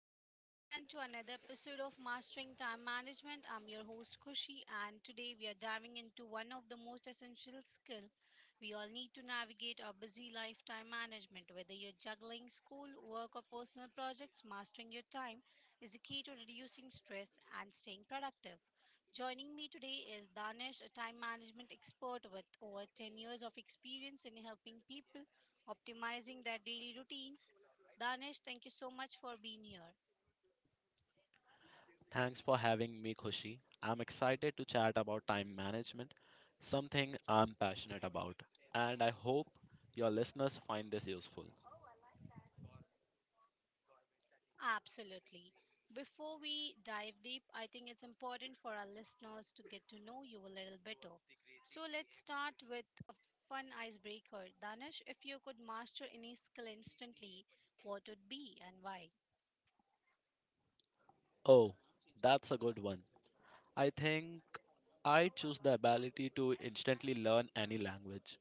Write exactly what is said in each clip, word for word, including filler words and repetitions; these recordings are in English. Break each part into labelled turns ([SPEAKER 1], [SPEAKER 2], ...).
[SPEAKER 1] Welcome everyone to another episode of Mastering Time Management. I'm your host Kushi and today we are diving into one of the most essential skills we all need to navigate our busy lifetime management. Whether you're juggling school, work or personal projects, mastering your time is the key to reducing stress and staying productive. Joining me today is Danish, a time management expert with over ten years of experience in helping people optimizing their daily routines. Danish, thank you so much for being here.
[SPEAKER 2] Thanks for having me, Khushi. I'm excited to chat about time management, something I'm passionate about, and I hope your listeners find this useful.
[SPEAKER 1] Absolutely. Before we dive deep, I think it's important for our listeners to get to know you a little better. So let's start with a fun icebreaker. Danish, if you could master any skill instantly, what would be and why?
[SPEAKER 2] Oh, that's a good one. I think I choose the ability to instantly learn any language.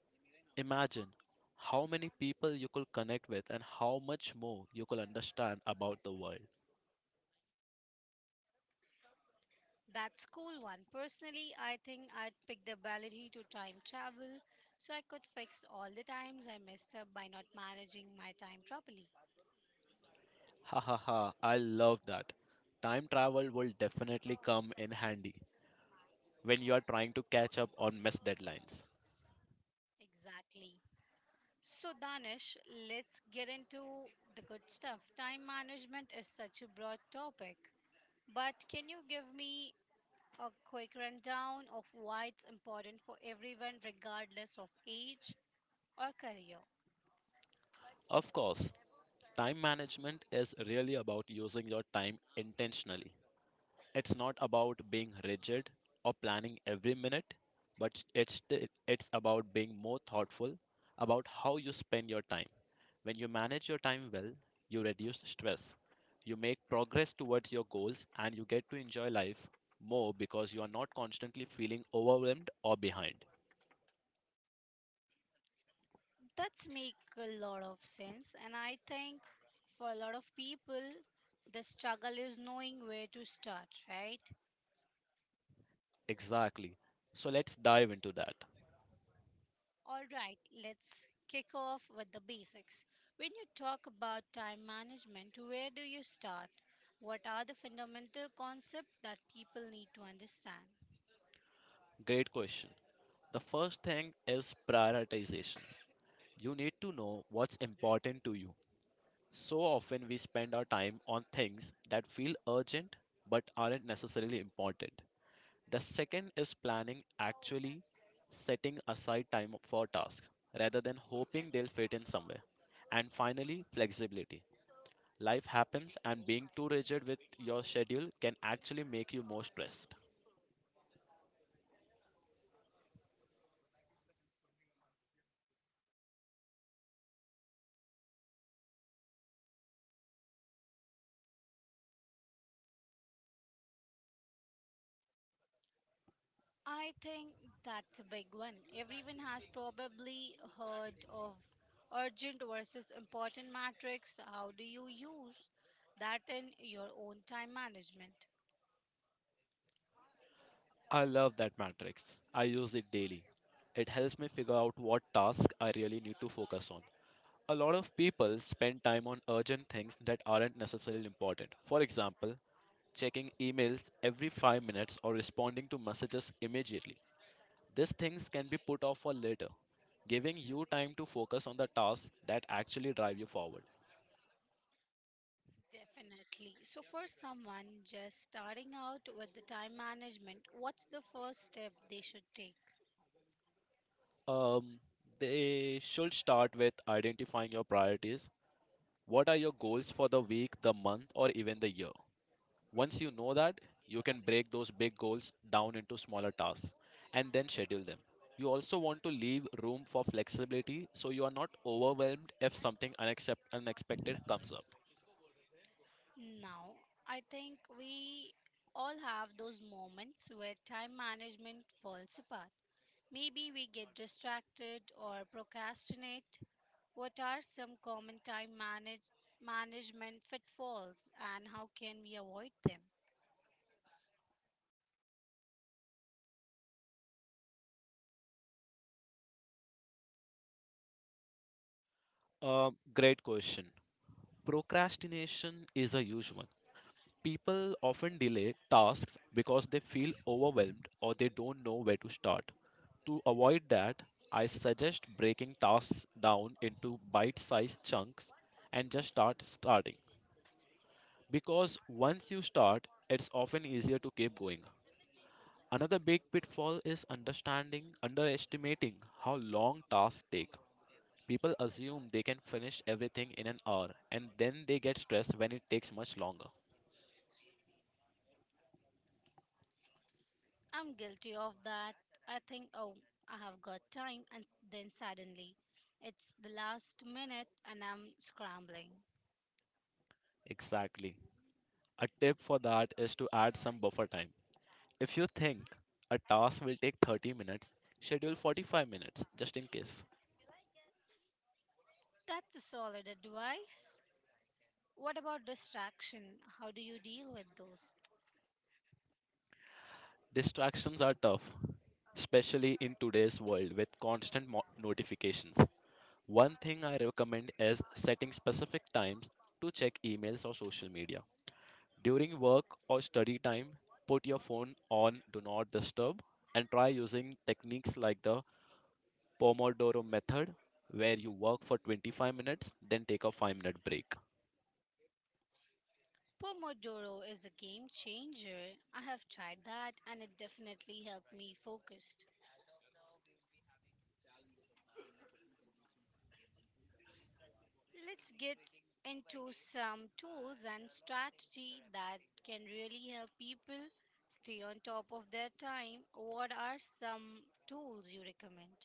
[SPEAKER 2] Imagine how many people you could connect with and how much more you could understand about the world.
[SPEAKER 1] That's cool one. Personally, I think I'd pick the ability to time travel so I could fix all the times I messed up by not managing my time properly.
[SPEAKER 2] Ha ha ha, I love that. Time travel will definitely come in handy when you are trying to catch up on missed deadlines.
[SPEAKER 1] Exactly. So, Danish, let's get into the good stuff. Time management is such a broad topic, but can you give me a quick rundown of why it's important for everyone, regardless of age or career?
[SPEAKER 2] Of course, time management is really about using your time intentionally. It's not about being rigid or planning every minute, but it's, t- it's about being more thoughtful about how you spend your time. When you manage your time well, you reduce stress, you make progress towards your goals, and you get to enjoy life more because you are not constantly feeling overwhelmed or behind.
[SPEAKER 1] That's make a lot of sense, and I think for a lot of people, the struggle is knowing where to start, right?
[SPEAKER 2] Exactly. So let's dive into that.
[SPEAKER 1] All right, let's kick off with the basics. When you talk about time management, where do you start? What are the fundamental concepts that people need to understand?
[SPEAKER 2] Great question. The first thing is prioritization. You need to know what's important to you. So often we spend our time on things that feel urgent but aren't necessarily important. The second is planning, actually setting aside time for tasks rather than hoping they'll fit in somewhere. And finally, flexibility. Life happens, and being too rigid with your schedule can actually make you more stressed.
[SPEAKER 1] I think that's a big one. Everyone has probably heard of urgent versus important matrix. How do you use that in your own time management?
[SPEAKER 2] I love that matrix. I use it daily. It helps me figure out what tasks I really need to focus on. A lot of people spend time on urgent things that aren't necessarily important. For example, checking emails every five minutes or responding to messages immediately. These things can be put off for later, giving you time to focus on the tasks that actually drive you forward.
[SPEAKER 1] Definitely. So, for someone just starting out with the time management, what's the first step they should take?
[SPEAKER 2] Um, they should start with identifying your priorities. What are your goals for the week, the month, or even the year? Once you know that, you can break those big goals down into smaller tasks and then schedule them. You also want to leave room for flexibility so you are not overwhelmed if something unaccept- unexpected comes up.
[SPEAKER 1] Now, I think we all have those moments where time management falls apart. Maybe we get distracted or procrastinate. What are some common time manage- management pitfalls and how can we avoid them?
[SPEAKER 2] Uh, great question. Procrastination is a huge one. People often delay tasks because they feel overwhelmed or they don't know where to start. To avoid that, I suggest breaking tasks down into bite sized chunks and just start starting, because once you start, it's often easier to keep going. Another big pitfall is understanding, underestimating how long tasks take. People assume they can finish everything in an hour and then they get stressed when it takes much longer.
[SPEAKER 1] I'm guilty of that. I think, oh, I have got time, and then suddenly it's the last minute and I'm scrambling.
[SPEAKER 2] Exactly. A tip for that is to add some buffer time. If you think a task will take thirty minutes, schedule forty-five minutes just in case.
[SPEAKER 1] That's a solid advice. What about distraction? How do you deal with those?
[SPEAKER 2] Distractions are tough, especially in today's world with constant mo- notifications. One thing I recommend is setting specific times to check emails or social media. During work or study time, put your phone on do not disturb and try using techniques like the Pomodoro method, where you work for twenty-five minutes, then take a five minute break.
[SPEAKER 1] Pomodoro is a game changer. I have tried that and it definitely helped me focus. Let's get into some tools and strategy that can really help people stay on top of their time. What are some tools you recommend?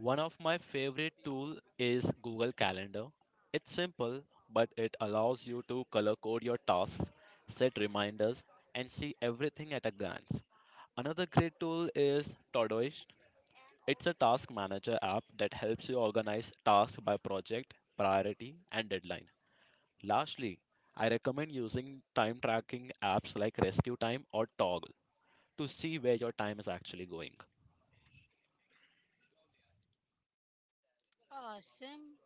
[SPEAKER 2] One of my favorite tool is Google Calendar. It's simple, but it allows you to color code your tasks, set reminders, and see everything at a glance. Another great tool is Todoist. It's a task manager app that helps you organize tasks by project, priority, and deadline. Lastly, I recommend using time tracking apps like Rescue Time or Toggle to see where your time is actually going.
[SPEAKER 1] Awesome.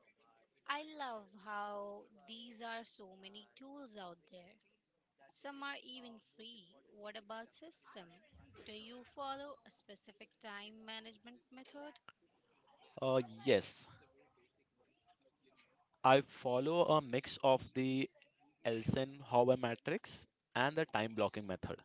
[SPEAKER 1] I love how these are so many tools out there. Some are even free. What about system? Do you follow a specific time management method?
[SPEAKER 2] Uh, yes, I follow a mix of the Elsenhower matrix and the time blocking method.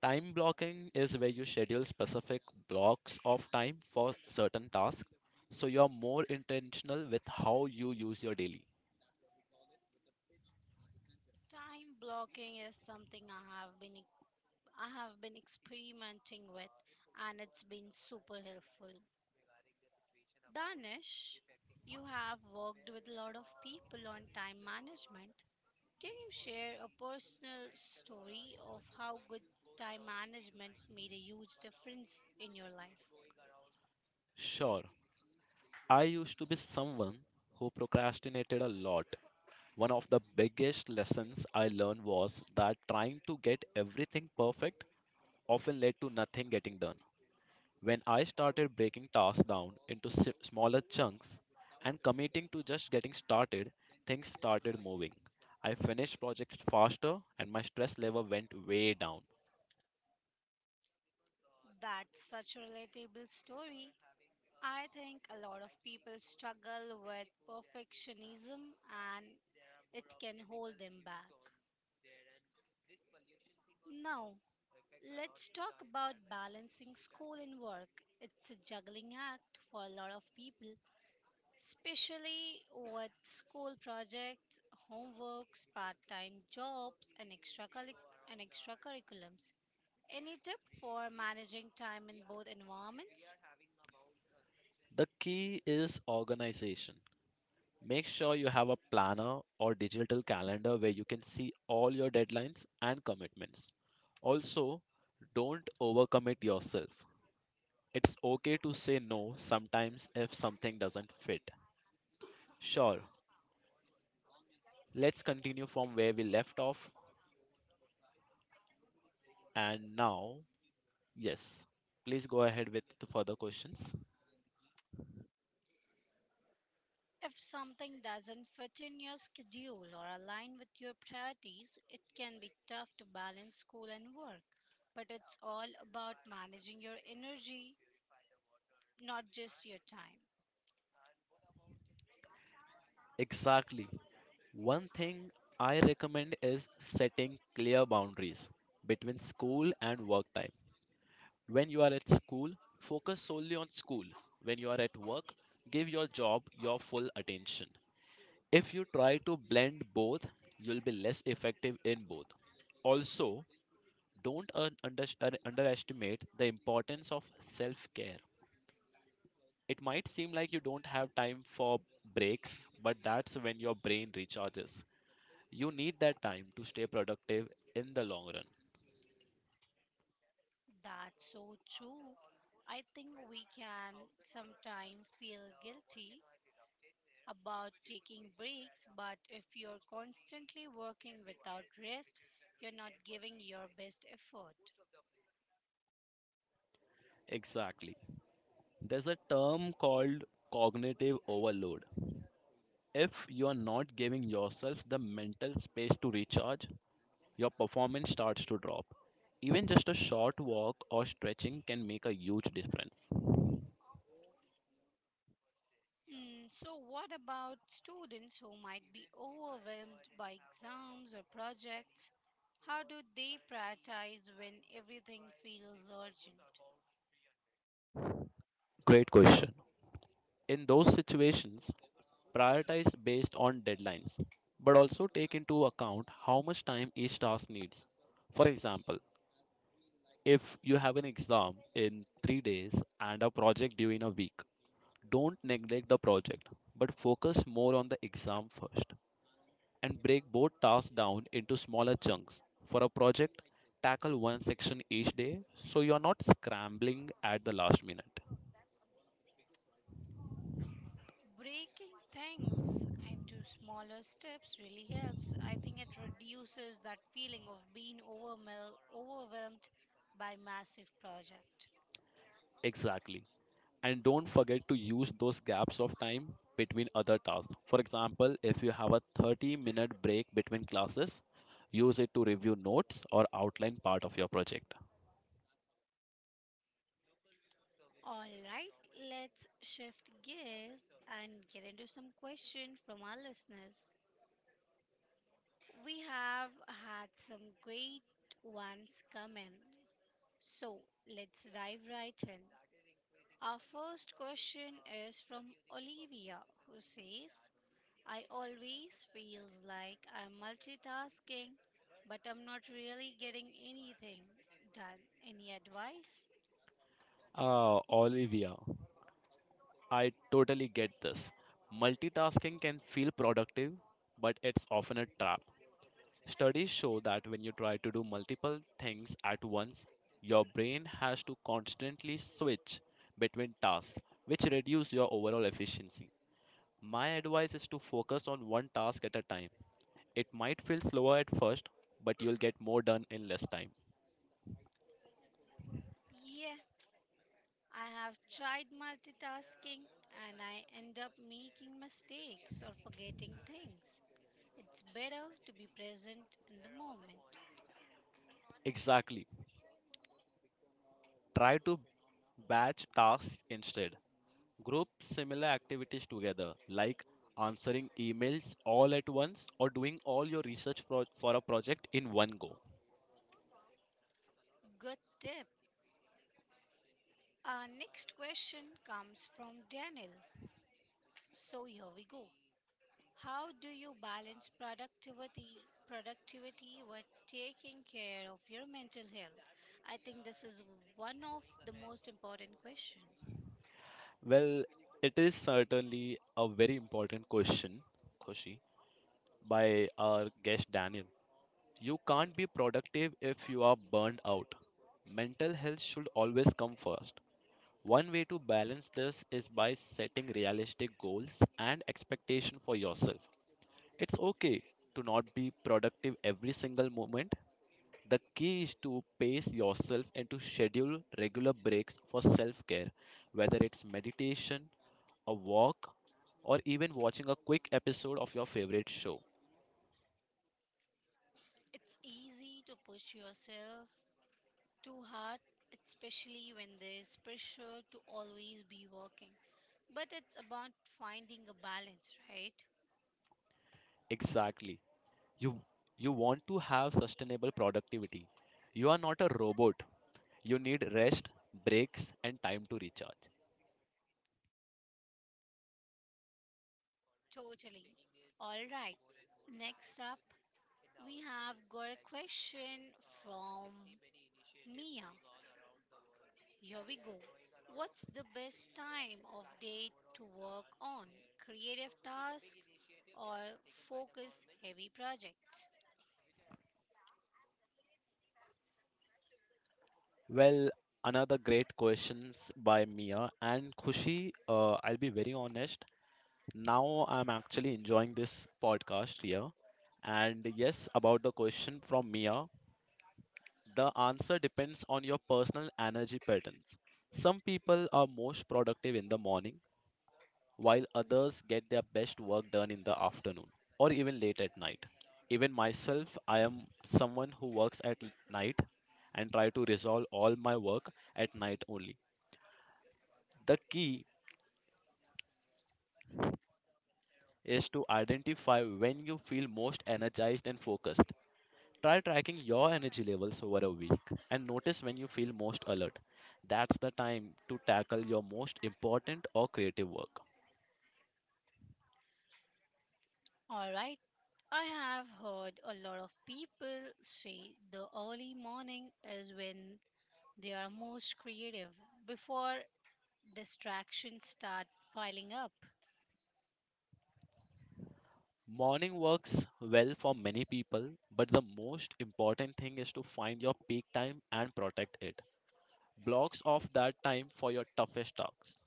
[SPEAKER 2] Time blocking is where you schedule specific blocks of time for certain tasks, so you are more intentional with how you use your daily.
[SPEAKER 1] Time blocking is something I have been I have been experimenting with, and it's been super helpful. Danish, you have worked with a lot of people on time management. Can you share a personal story of how good time management made a huge difference in your life?
[SPEAKER 2] Sure, I used to be someone who procrastinated a lot. One of the biggest lessons I learned was that trying to get everything perfect often led to nothing getting done. When I started breaking tasks down into si- smaller chunks and committing to just getting started, things started moving. I finished projects faster and my stress level went way down.
[SPEAKER 1] That's such a relatable story. I think a lot of people struggle with perfectionism and it can hold them back. Now, let's talk about balancing school and work. It's a juggling act for a lot of people, especially with school projects, homeworks, part-time jobs, and extra and extracurriculums. Any tip for managing time in both environments?
[SPEAKER 2] The key is organization. Make sure you have a planner or digital calendar where you can see all your deadlines and commitments. Also, don't overcommit yourself. It's okay to say no sometimes if something doesn't fit. Sure, let's continue from where we left off. And now, yes, please go ahead with the further questions.
[SPEAKER 1] If something doesn't fit in your schedule or align with your priorities, it can be tough to balance school and work, but it's all about managing your energy, not just your time.
[SPEAKER 2] Exactly. One thing I recommend is setting clear boundaries between school and work time. When you are at school, focus solely on school. When you are at work, give your job your full attention. If you try to blend both, you'll be less effective in both. Also, don't un- under- un- underestimate the importance of self care. It might seem like you don't have time for breaks, but that's when your brain recharges. You need that time to stay productive in the long run.
[SPEAKER 1] That's so true. I think we can sometimes feel guilty about taking breaks, but if you're constantly working without rest, you're not giving your best effort.
[SPEAKER 2] Exactly. There's a term called cognitive overload. If you are not giving yourself the mental space to recharge, your performance starts to drop. Even just a short walk or stretching can make a huge difference.
[SPEAKER 1] Mm, so, what about students who might be overwhelmed by exams or projects? How do they prioritize when everything feels urgent?
[SPEAKER 2] Great question. In those situations, prioritize based on deadlines, but also take into account how much time each task needs. For example, if you have an exam in three days and a project due in a week, don't neglect the project, but focus more on the exam first and break both tasks down into smaller chunks. For a project, tackle one section each day so you are not scrambling at the last minute.
[SPEAKER 1] Breaking things into smaller steps really helps. I think it reduces that feeling of being overwhelmed, overwhelmed by massive project.
[SPEAKER 2] Exactly, and don't forget to use those gaps of time between other tasks. For example, if you have a thirty minute break between classes, use it to review notes or outline part of your project.
[SPEAKER 1] All right, let's shift gears and get into some questions from our listeners. We have had some great ones come in. So, let's dive right in. Our first question is from Olivia who says, I always feels like I'm multitasking, but I'm not really getting anything done. Any advice?
[SPEAKER 2] Ah, Olivia, I totally get this. Multitasking can feel productive, but it's often a trap. Studies show that when you try to do multiple things at once, your brain has to constantly switch between tasks, which reduce your overall efficiency. My advice is to focus on one task at a time. It might feel slower at first, but you'll get more done in less time.
[SPEAKER 1] Yeah, I have tried multitasking and I end up making mistakes or forgetting things. It's better to be present in the moment.
[SPEAKER 2] Exactly. Try to batch tasks instead. Group similar activities together, like answering emails all at once or doing all your research pro- for a project in one go.
[SPEAKER 1] Good tip. Our next question comes from Daniel. So here we go. How do you balance productivity productivity with taking care of your mental health? I think this is one of the most important question.
[SPEAKER 2] Well, it is certainly a very important question, Khushi, by our guest Daniel. You can't be productive if you are burned out. Mental health should always come first. One way to balance this is by setting realistic goals and expectation for yourself. It's okay to not be productive every single moment. The key is to pace yourself and to schedule regular breaks for self care, whether it's meditation, a walk, or even watching a quick episode of your favorite show.
[SPEAKER 1] It's easy to push yourself too hard, especially when there is pressure to always be working. But it's about finding a balance, right?
[SPEAKER 2] Exactly. You, you want to have sustainable productivity. You are not a robot. You need rest, breaks, and time to recharge.
[SPEAKER 1] Totally. All right. Next up, we have got a question from Mia. Here we go. What's the best time of day to work on creative tasks or focus heavy projects?
[SPEAKER 2] Well, another great questions by Mia and Khushi. Uh, I'll be very honest. Now I'm actually enjoying this podcast here. And yes, about the question from Mia, the answer depends on your personal energy patterns. Some people are most productive in the morning, while others get their best work done in the afternoon or even late at night. Even myself, I am someone who works at l- night and try to resolve all my work at night only. The key is to identify when you feel most energized and focused. Try tracking your energy levels over a week and notice when you feel most alert. That's the time to tackle your most important or creative work.
[SPEAKER 1] All right, I have heard a lot of people say the early morning is when they are most creative before distractions start piling up.
[SPEAKER 2] Morning works well for many people, but the most important thing is to find your peak time and protect it. Blocks off that time for your toughest tasks.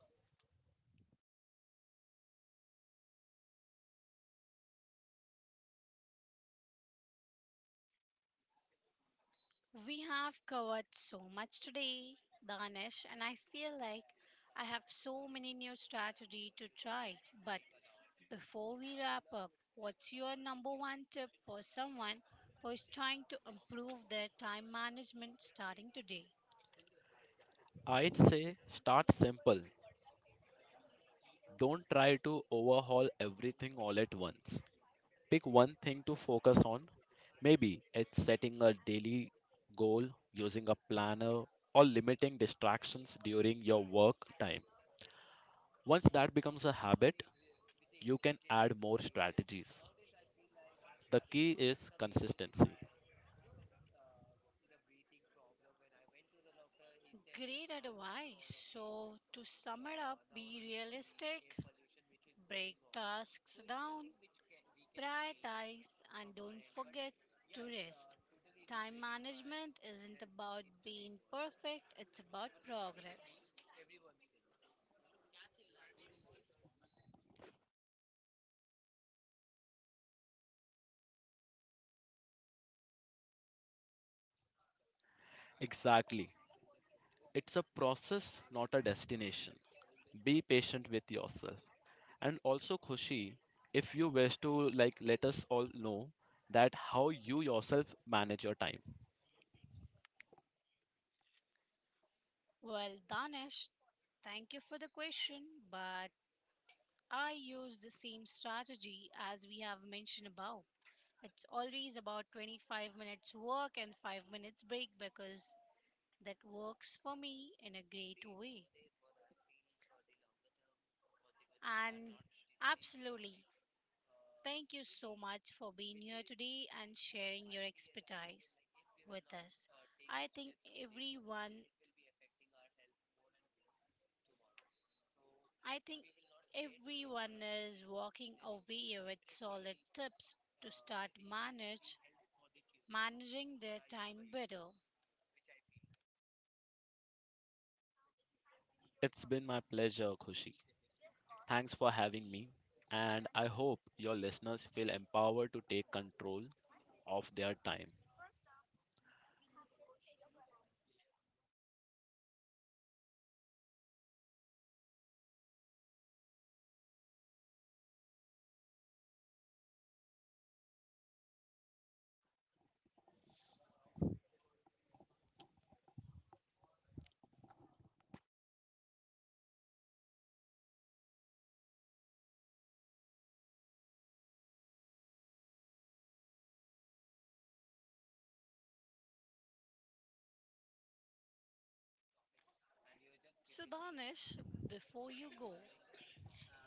[SPEAKER 1] We have covered so much today, Danish, and I feel like I have so many new strategy to try. But before we wrap up, what's your number one tip for someone who is trying to improve their time management starting today?
[SPEAKER 2] I'd say start simple. Don't try to overhaul everything all at once. Pick one thing to focus on. Maybe it's setting a daily goal, using a planner, or limiting distractions during your work time. Once that becomes a habit, you can add more strategies. The key is consistency.
[SPEAKER 1] Great advice. So, to sum it up, be realistic, break tasks down, prioritize, and don't forget to rest. Time management isn't about being perfect, it's about progress.
[SPEAKER 2] Exactly. It's a process, not a destination. Be patient with yourself. And also, Khushi, if you wish to, like, let us all know that how you yourself manage your time.
[SPEAKER 1] Well, Danish, thank you for the question, but I use the same strategy as we have mentioned above. It's always about twenty-five minutes work and five minutes break because that works for me in a great way. And absolutely, thank you so much for being here today and sharing your expertise with us. I think everyone, I think everyone is walking away with solid tips to start manage managing their time better.
[SPEAKER 2] It's been my pleasure, Khushi. Thanks for having me, and I hope your listeners feel empowered to take control of their time.
[SPEAKER 1] So, Danish, before you go,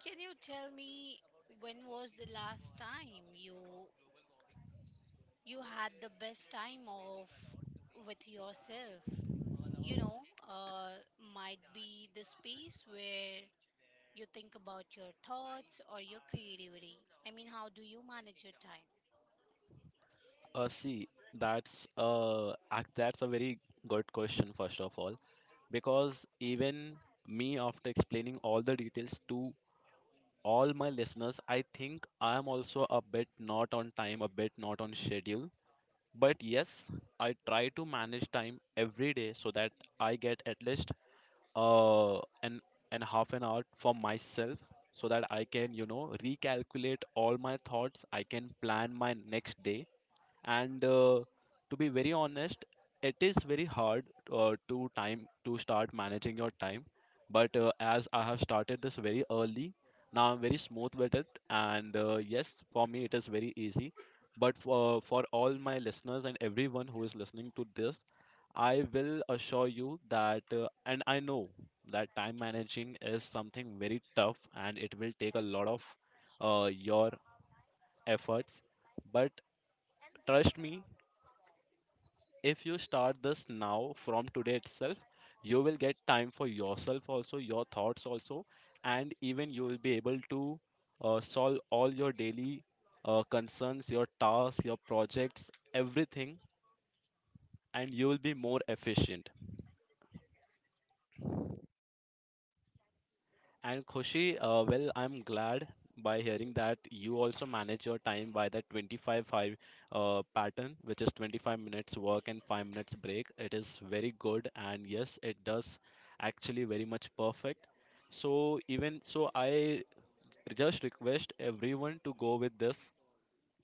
[SPEAKER 1] can you tell me when was the last time you you had the best time of with yourself? You know, uh, might be the space where you think about your thoughts or your creativity. I mean, how do you manage your time?
[SPEAKER 2] Uh, see, that's uh, ac- that's a very good question, first of all, because even me, after explaining all the details to all my listeners, I think I am also a bit not on time, a bit not on schedule. But yes, I try to manage time every day so that I get at least uh, an and half an hour for myself so that I can you know recalculate all my thoughts. I can plan my next day and uh, to be very honest it is very hard uh, to time to start managing your time but uh, as I have started this very early now I'm very smooth with it and uh, yes for me it is very easy but for, for all my listeners and everyone who is listening to this I will assure you that uh, and I know that time managing is something very tough and it will take a lot of uh, your efforts but trust me. If you start this now from today itself you will get time for yourself, also your thoughts also, and even you will be able to uh, solve all your daily uh, concerns, your tasks, your projects, everything, and you will be more efficient. And Khushi, uh, well, I'm glad by hearing that you also manage your time by that twenty-five five uh, pattern, which is twenty-five minutes work and five minutes break. It is very good, and yes, it does actually very much perfect. So even so, I just request everyone to go with this,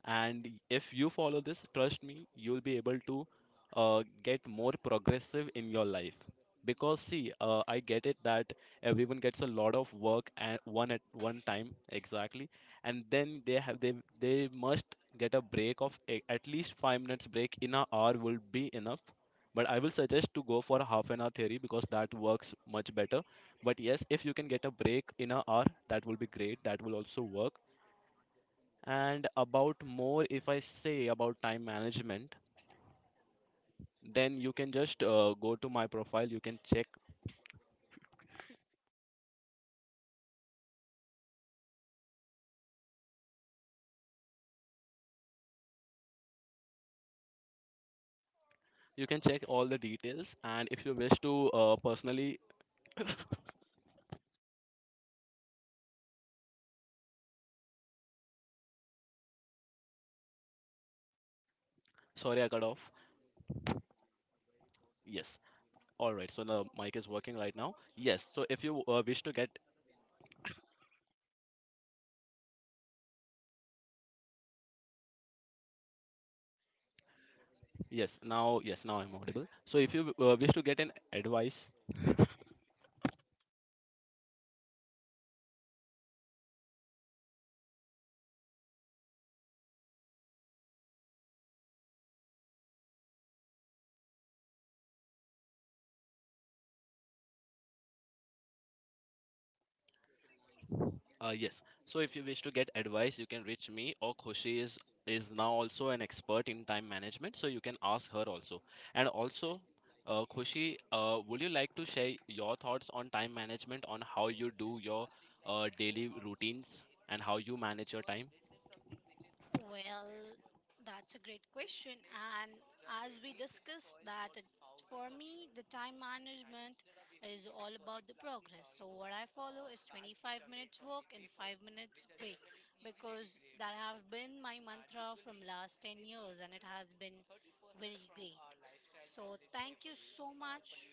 [SPEAKER 2] and if you follow this, trust me, you'll be able to uh, get more progressive in your life. Because see, uh, I get it that everyone gets a lot of work at one at one time exactly, and then they have they they must get a break of a, at least five minutes break in an hour will be enough. But I will suggest to go for a half an hour theory because that works much better. But yes, if you can get a break in an hour, that will be great, that will also work. And about more, if I say about time management, then you can just uh, go to my profile. You can check. You can check all the details. And if you wish to uh, personally, sorry, I got off. Yes. All right. So the mic is working right now. Yes. So if you uh, wish to get, yes, now, yes, now I'm audible. So if you uh, wish to get an advice. Uh, yes. So if you wish to get advice, you can reach me, or Khushi is is now also an expert in time management, so you can ask her also. And also, uh, Khushi, uh, would you like to share your thoughts on time management, on how you do your uh, daily routines and how you manage your time?
[SPEAKER 1] Well, that's a great question. And as we discussed, that it, for me, the time management is all about the progress. So, what I follow is twenty-five minutes work and five minutes break because that have been my mantra from last ten years and it has been very great. So, thank you so much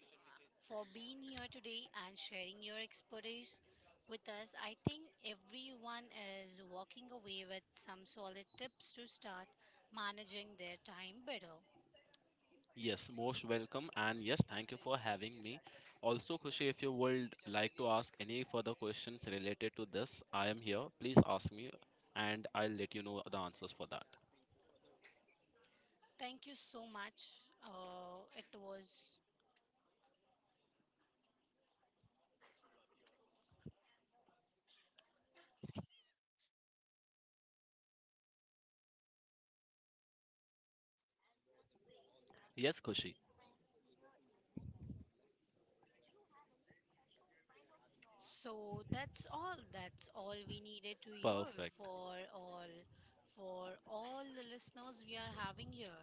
[SPEAKER 1] for being here today and sharing your expertise with us. I think everyone is walking away with some solid tips to start managing their time better.
[SPEAKER 2] Yes, most welcome, and yes, thank you for having me. Also, Khushi, if you would like to ask any further questions related to this, I am here. Please ask me, and I'll let you know the answers for that.
[SPEAKER 1] Thank you so much. Uh, it was
[SPEAKER 2] Yes, Khushi,
[SPEAKER 1] so that's all. That's all we needed to hear
[SPEAKER 2] perfect.
[SPEAKER 1] for all for all the listeners we are having here.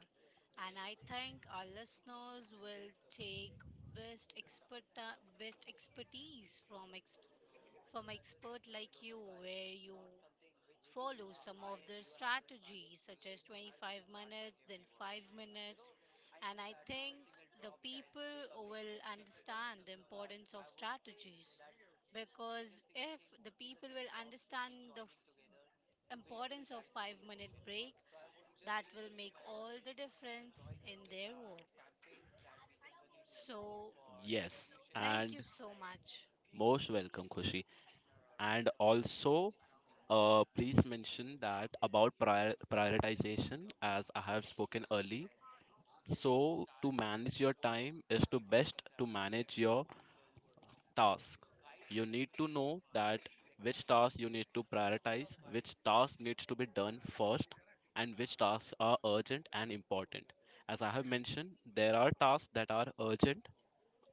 [SPEAKER 1] And I think our listeners will take best expert best expertise from ex. From an expert like you, where you follow some of the strategies, such as twenty-five minutes, then five minutes, and I think the people will understand the importance of strategies because if the people will understand the f- importance of five minute break, that will make all the difference in their work. So
[SPEAKER 2] Yes,
[SPEAKER 1] thank you
[SPEAKER 2] and
[SPEAKER 1] so much.
[SPEAKER 2] most welcome, Khushi. And also, uh, please mention that about prior prioritization, as I have spoken early. So, to manage your time is to best to manage your task. You need to know that which tasks you need to prioritize, which task needs to be done first, and which tasks are urgent and important. As I have mentioned, there are tasks that are urgent,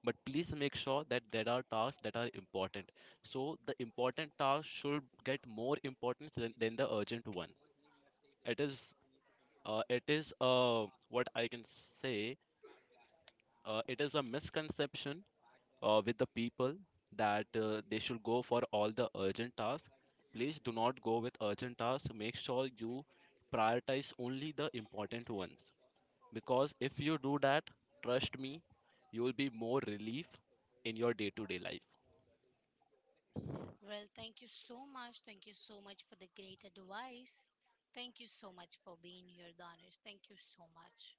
[SPEAKER 2] but please make sure that there are tasks that are important. So the important task should get more importance than, than the urgent one. It is uh, it is uh, what I can say. Uh, it is a misconception uh, with the people that uh, they should go for all the urgent tasks. Please do not go with urgent tasks. Make sure you prioritize only the important ones. Because if you do that, trust me, you will be more relief in your day to day life.
[SPEAKER 1] Well, thank you so much. Thank you so much for the great advice. Thank you so much for being here, Danish. Thank you so much.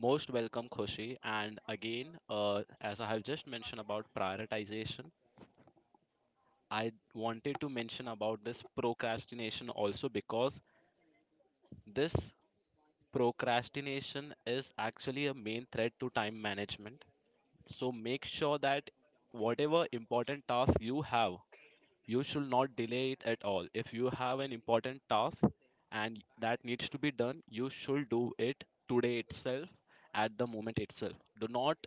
[SPEAKER 2] Most welcome, Khushi. And again, uh, as I have just mentioned about prioritization, I wanted to mention about this procrastination also, because this procrastination is actually a main threat to time management. So make sure that whatever important task you have, you should not delay it at all. If you have an important task and that needs to be done, you should do it today itself, at the moment itself. Do not,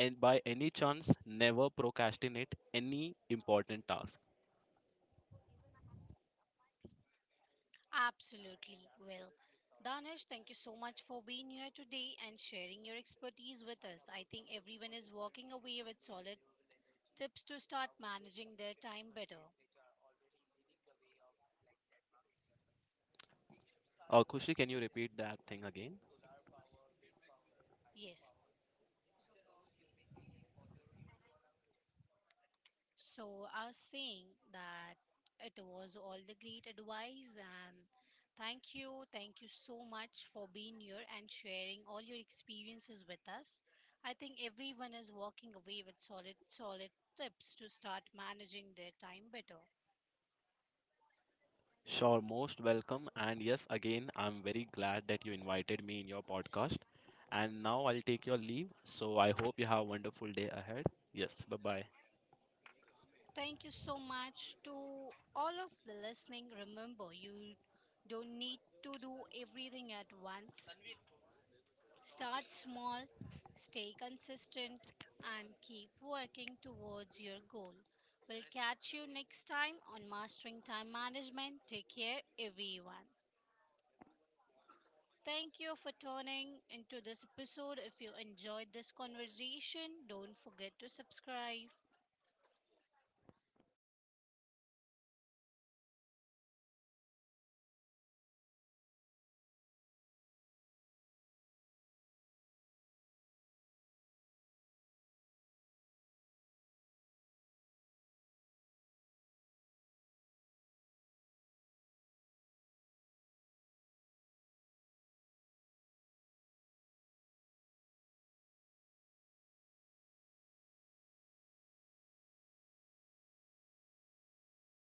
[SPEAKER 2] and by any chance never procrastinate any important task.
[SPEAKER 1] Absolutely. Well, Danish, thank you so much for being here today and sharing your expertise with us. I think everyone is walking away with solid tips to start managing their time better.
[SPEAKER 2] Uh, Kushi, can you repeat that thing again?
[SPEAKER 1] Yes. So I was saying that it was all the great advice and thank you, thank you so much for being here and sharing all your experiences with us. I think everyone is walking away with solid solid tips to start managing their time better.
[SPEAKER 2] Sure, most welcome. And yes, again, I'm very glad that you invited me in your podcast. And now I'll take your leave. So I hope you have a wonderful day ahead. Yes, bye bye.
[SPEAKER 1] Thank you so much to all of the listening. Remember, you don't need to do everything at once. Start small, stay consistent, and keep working towards your goal. We'll catch you next time on Mastering Time Management. Take care, everyone. Thank you for tuning into this episode. If you enjoyed this conversation, don't forget to subscribe.